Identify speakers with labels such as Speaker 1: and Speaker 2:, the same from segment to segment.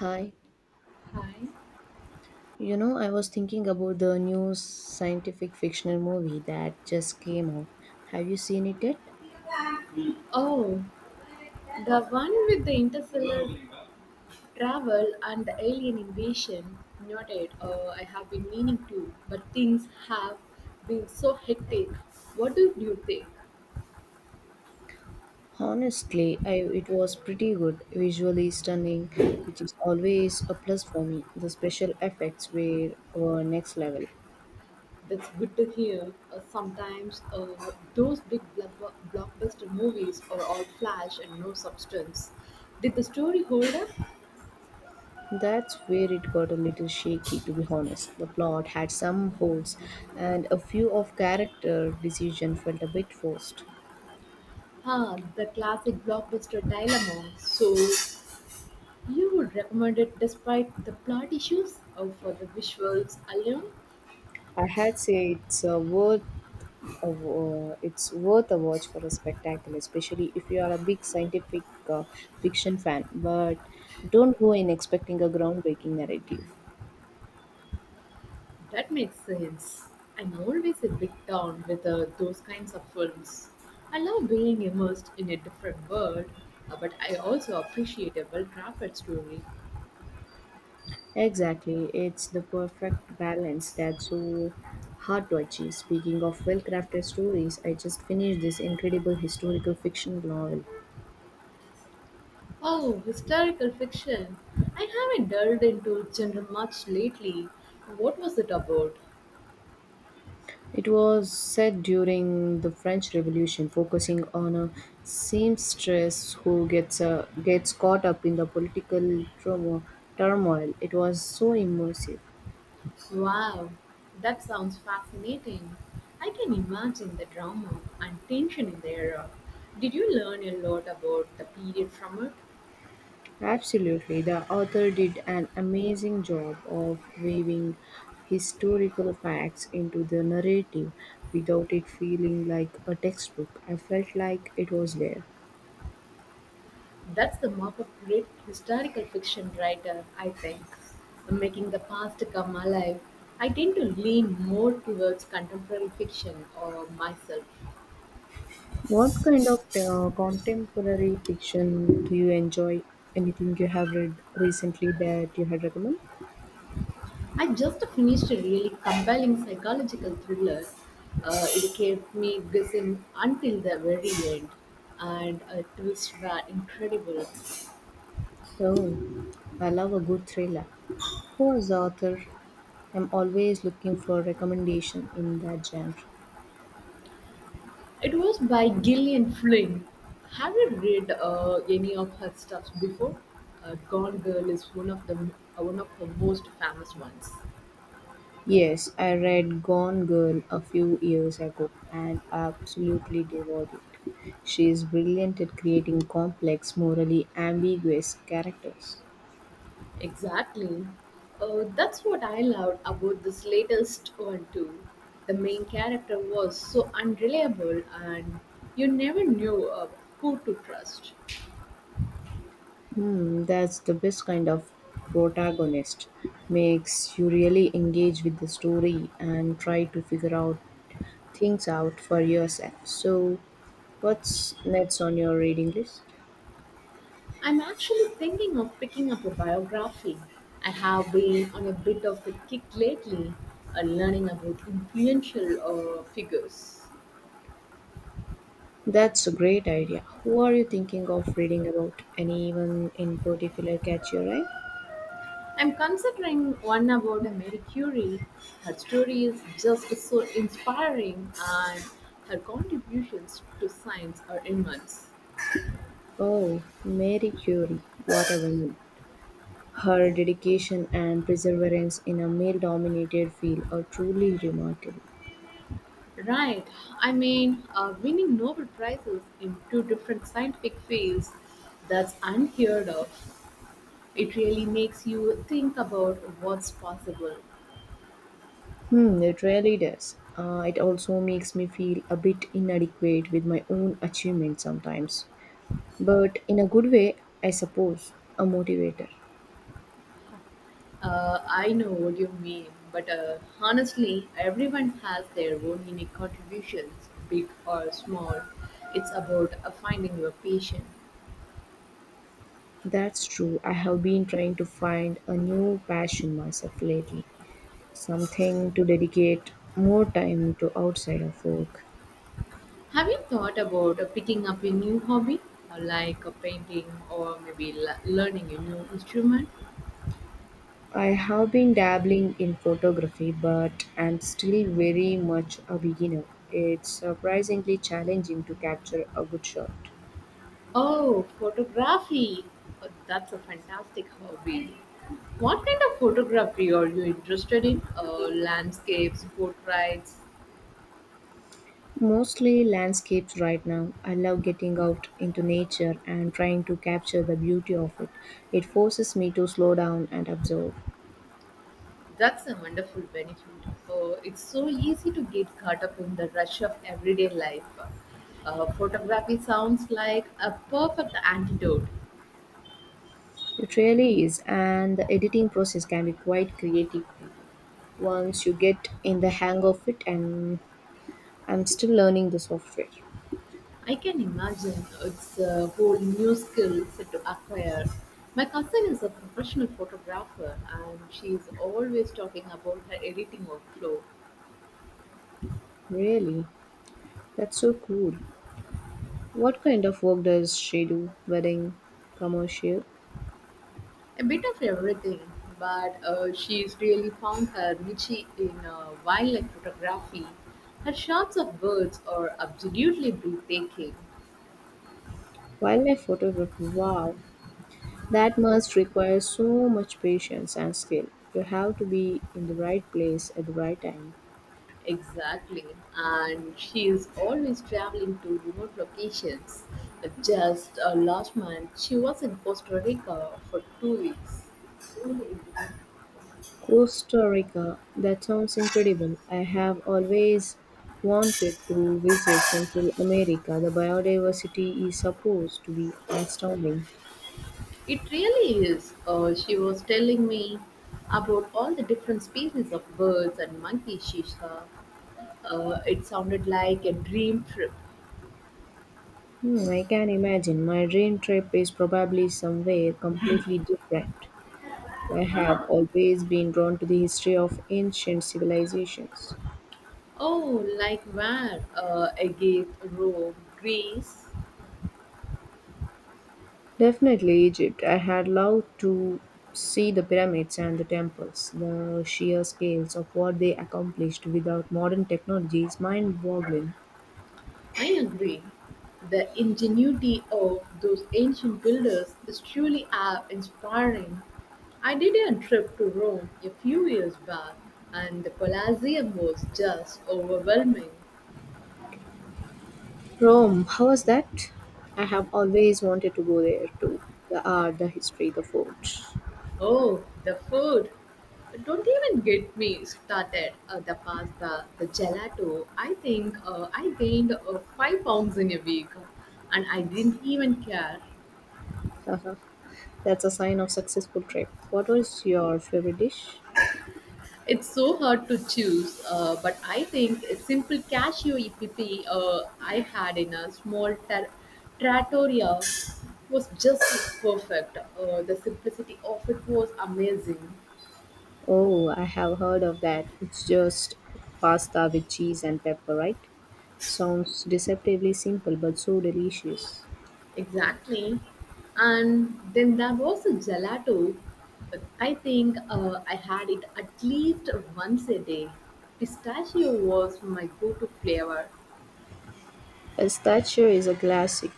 Speaker 1: Hi.
Speaker 2: Hi.
Speaker 1: You know, I was thinking about the new scientific fictional movie that just came out. Have you seen it yet?
Speaker 2: Oh, the one with the interstellar travel and the alien invasion. Noted. I have been meaning to, but things have been so hectic. What do you think?
Speaker 1: Honestly, it was pretty good, visually stunning, which is always a plus for me. The special effects were next level.
Speaker 2: That's good to hear. Sometimes those big blockbuster movies are all flash and no substance. Did the story hold up?
Speaker 1: That's where it got a little shaky, to be honest. The plot had some holes, and a few of character decision felt a bit forced.
Speaker 2: Ah, the classic blockbuster dilemma. So you would recommend it despite the plot issues or for the visuals alone?
Speaker 1: I had say it's worth it's worth a watch for a spectacle, especially if you are a big scientific uh, fiction fan. But don't go in expecting a groundbreaking narrative.
Speaker 2: That makes sense. I'm always a bit down with those kinds of films. I love being immersed in a different world, but I also appreciate a well crafted story.
Speaker 1: Exactly, it's the perfect balance that's so hard to achieve. Speaking of well crafted stories, I just finished this incredible historical fiction novel.
Speaker 2: Oh, historical fiction. I haven't delved into genre much lately. What was it about?
Speaker 1: It was set during the French Revolution, focusing on a seamstress who gets caught up in the political turmo- turmoil. It was so immersive.
Speaker 2: Wow, that sounds fascinating. I can imagine the drama and tension in the era. Did you learn a lot about the period from it?
Speaker 1: Absolutely, the author did an amazing job of weaving historical facts into the narrative without it feeling like a textbook. I felt like it was there.
Speaker 2: That's the mark of great historical fiction writer, I think. Making the past come alive. I tend to lean more towards contemporary fiction or myself.
Speaker 1: What kind of contemporary fiction do you enjoy? Anything you have read recently that you had recommend?
Speaker 2: I just finished a really compelling psychological thriller. It kept me guessing until the very end, and twists were incredible.
Speaker 1: Oh, I love a good thriller. Who is the author? I'm always looking for recommendation in that genre.
Speaker 2: It was by Gillian Flynn. Have you read any of her stuff before? Gone Girl is one of her most famous ones.
Speaker 1: Yes, I read Gone Girl a few years ago and absolutely devoured it. She is brilliant at creating complex, morally ambiguous characters.
Speaker 2: Exactly. That's what I loved about this latest one too. The main character was so unreliable, and you never knew who to trust.
Speaker 1: Hmm, that's the best kind of protagonist. Makes you really engage with the story and try to figure out things out for yourself. So, what's next on your reading list?
Speaker 2: I'm actually thinking of picking up a biography. I have been on a bit of a kick lately, learning about influential figures.
Speaker 1: That's a great idea. Who are you thinking of reading about? Anyone in particular catch your eye?
Speaker 2: I'm considering one about Mary Curie. Her story is just so inspiring, and her contributions to science are immense.
Speaker 1: Oh, Mary Curie. What a woman. Her dedication and perseverance in a male dominated field are truly remarkable.
Speaker 2: Right, I mean, winning Nobel Prizes in two different scientific fields, that's unheard of. It really makes you think about what's possible.
Speaker 1: Hmm, it really does. It also makes me feel a bit inadequate with my own achievements sometimes, but in a good way, I suppose, a motivator.
Speaker 2: I know what you mean, but honestly, everyone has their own unique contributions, big or small. It's about finding your passion.
Speaker 1: That's true. I have been trying to find a new passion myself lately, something to dedicate more time to outside of work.
Speaker 2: Have you thought about picking up a new hobby, like a painting or maybe learning a new instrument?
Speaker 1: I have been dabbling in photography, but I'm still very much a beginner. It's surprisingly challenging to capture a good shot.
Speaker 2: Oh, photography! That's a fantastic hobby. What kind of photography are you interested in? Landscapes, portraits?
Speaker 1: Mostly landscapes right now. I love getting out into nature and trying to capture the beauty of it. It forces me to slow down and observe.
Speaker 2: That's a wonderful benefit. It's so easy to get caught up in the rush of everyday life. Photography sounds like a perfect antidote.
Speaker 1: It really is, and the editing process can be quite creative too. Once you get in the hang of it, and I'm still learning the software.
Speaker 2: I can imagine it's a whole new skill set to acquire. My cousin is a professional photographer and she's always talking about her editing workflow.
Speaker 1: Really? That's so cool. What kind of work does she do? Wedding, commercial,
Speaker 2: A bit of everything, but she's really found her niche in wildlife photography. Her shots of birds are absolutely breathtaking.
Speaker 1: wildlife photography. Wow. That must require so much patience and skill. You have to be in the right place at the right time.
Speaker 2: Exactly, and she is always traveling to remote locations. Just last month, she was in Costa Rica for 2 weeks.
Speaker 1: Costa Rica, that sounds incredible. I have always wanted to visit Central America. The biodiversity is supposed to be astounding.
Speaker 2: It really is. She was telling me about all the different species of birds and monkeys she saw. It sounded like a dream trip.
Speaker 1: Hmm, I can imagine. My dream trip is probably somewhere completely different. I have always been drawn to the history of ancient civilizations.
Speaker 2: Oh, like where? Egypt, Rome, Greece.
Speaker 1: Definitely Egypt. I had loved to see the pyramids and the temples. The sheer scales of what they accomplished without modern technology is mind boggling.
Speaker 2: I agree. The ingenuity of those ancient builders is truly awe inspiring. I did a trip to Rome a few years back, and the Colosseum was just overwhelming.
Speaker 1: Rome, how was that? I have always wanted to go there too. The art, the history, the food.
Speaker 2: Oh, the food. Don't even get me started. The pasta, the gelato. I think I gained 5 pounds in a week and I didn't even care.
Speaker 1: Haha, that's a sign of successful trip. What was your favorite dish?
Speaker 2: It's so hard to choose, but I think a simple cashew EPP I had in a small trattoria was just perfect. The simplicity of it was amazing.
Speaker 1: Oh, I have heard of that. It's just pasta with cheese and pepper, right? Sounds deceptively simple but so delicious.
Speaker 2: Exactly. And then there was a gelato. I think I had it at least once a day. Pistachio was my go to flavor.
Speaker 1: A statue is a classic.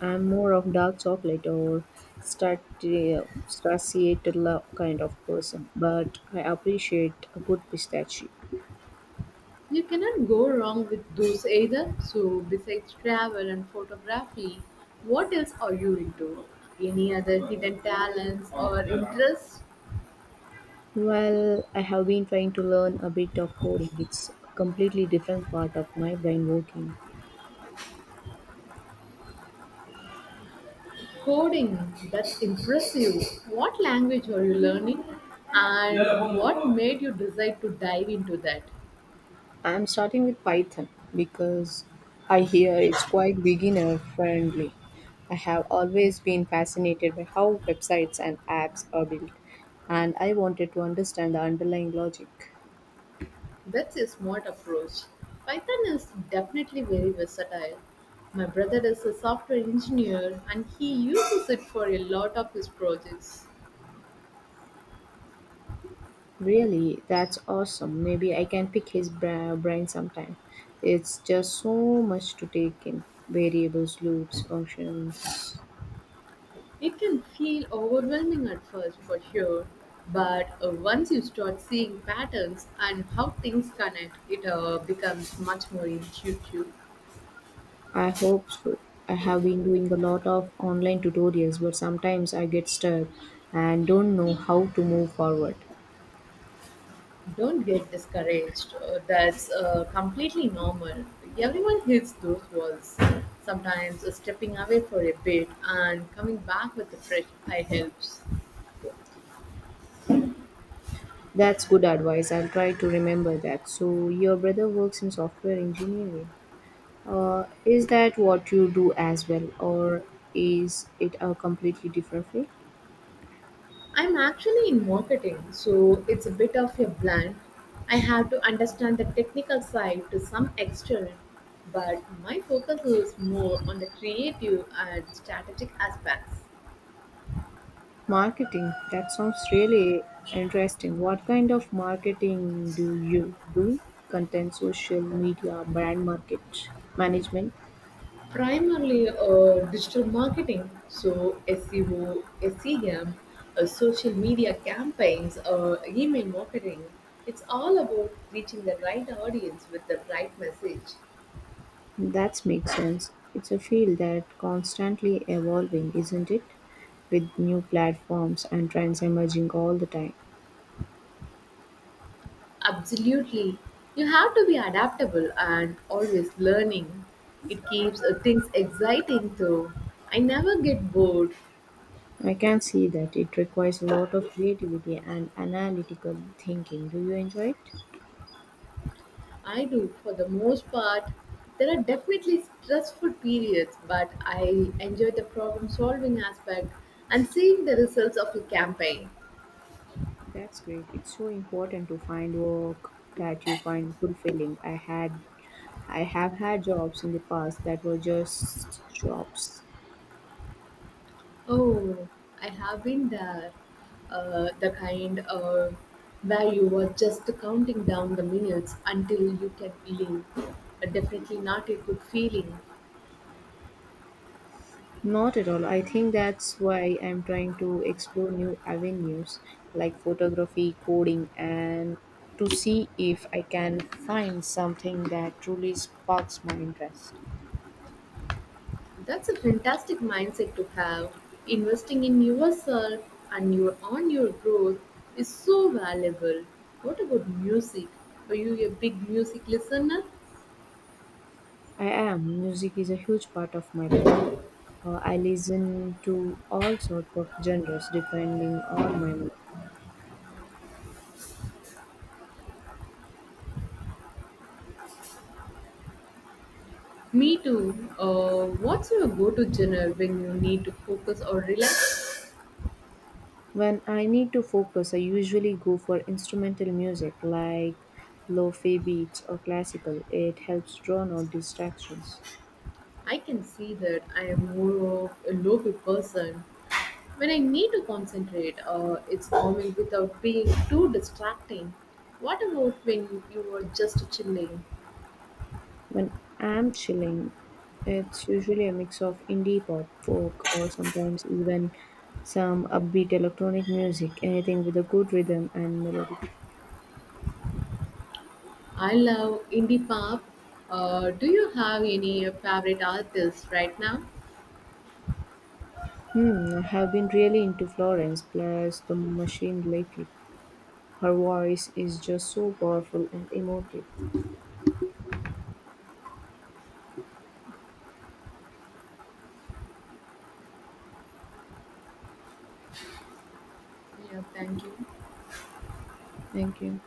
Speaker 1: I'm more of dark chocolate or stracciatella kind of person, but I appreciate a good pistachio.
Speaker 2: You cannot go wrong with those either. So, besides travel and photography, what else are you into? Any other hidden talents or interests?
Speaker 1: Well, I have been trying to learn a bit of coding. It's a completely different part of my brain working.
Speaker 2: Coding, that's impressive. What language are you learning? And what made you decide to dive into that?
Speaker 1: I'm starting with Python because I hear it's quite beginner friendly. I have always been fascinated by how websites and apps are built, and I wanted to understand the underlying logic.
Speaker 2: That's a smart approach. Python is definitely very versatile. My brother is a software engineer and he uses it for a lot of his projects.
Speaker 1: Really, that's awesome. Maybe I can pick his brain sometime. It's just so much to take in variables, loops, functions.
Speaker 2: It can feel overwhelming at first for sure, but once you start seeing patterns and how things connect, it becomes much more intuitive.
Speaker 1: I hope so. I have been doing a lot of online tutorials, but sometimes I get stuck and don't know how to move forward.
Speaker 2: Don't get discouraged. That's completely normal. Everyone hits those walls. Sometimes stepping away for a bit and coming back with a fresh eye helps.
Speaker 1: That's good advice. I'll try to remember that. So, your brother works in software engineering. Is that what you do as well, or is it a completely different field?
Speaker 2: I'm actually in marketing, so it's a bit of a blend. I have to understand the technical side to some extent, but my focus is more on the creative and strategic aspects.
Speaker 1: Marketing. That sounds really interesting. What kind of marketing do you do? Content, social media, brand market, management.
Speaker 2: Primarily digital marketing, so SEO, SEM, social media campaigns, email marketing. It's all about reaching the right audience with the right message.
Speaker 1: That makes sense. It's a field that constantly evolving, isn't it? With new platforms and trends emerging all the time.
Speaker 2: Absolutely. You have to be adaptable and always learning. It keeps things exciting though. I never get bored.
Speaker 1: I can see that it requires a lot of creativity and analytical thinking. Do you enjoy it?
Speaker 2: I do, for the most part. There are definitely stressful periods, but I enjoy the problem solving aspect and seeing the results of a campaign.
Speaker 1: That's great. It's so important to find work that you find fulfilling. I have had jobs in the past that were just jobs.
Speaker 2: Oh, I have been there. The kind where you were just counting down the minutes until you can leave. Definitely not a good feeling.
Speaker 1: Not at all. I think that's why I'm trying to explore new avenues like photography, coding, and to see if I can find something that truly sparks my interest.
Speaker 2: That's a fantastic mindset to have. Investing in yourself and your growth is so valuable. What about music? Are you a big music listener?
Speaker 1: I am. Music is a huge part of my life. I listen to all sorts of genres depending on my mood.
Speaker 2: Me too. What's your go-to genre when you need to focus or relax?
Speaker 1: When I need to focus, I usually go for instrumental music like lo-fi beats or classical. It helps drown out distractions.
Speaker 2: I can see that I am more of a local person. When I need to concentrate, it's calming without being too distracting. What about when you are just chilling?
Speaker 1: When I'm chilling, it's usually a mix of indie pop, folk, or sometimes even some upbeat electronic music, anything with a good rhythm and melody.
Speaker 2: I love indie pop. Do you have any favorite artists right now?
Speaker 1: Hmm, I have been really into Florence plus the machine lately. Her voice is just so powerful and emotive.
Speaker 2: Yeah, thank you.
Speaker 1: Thank you.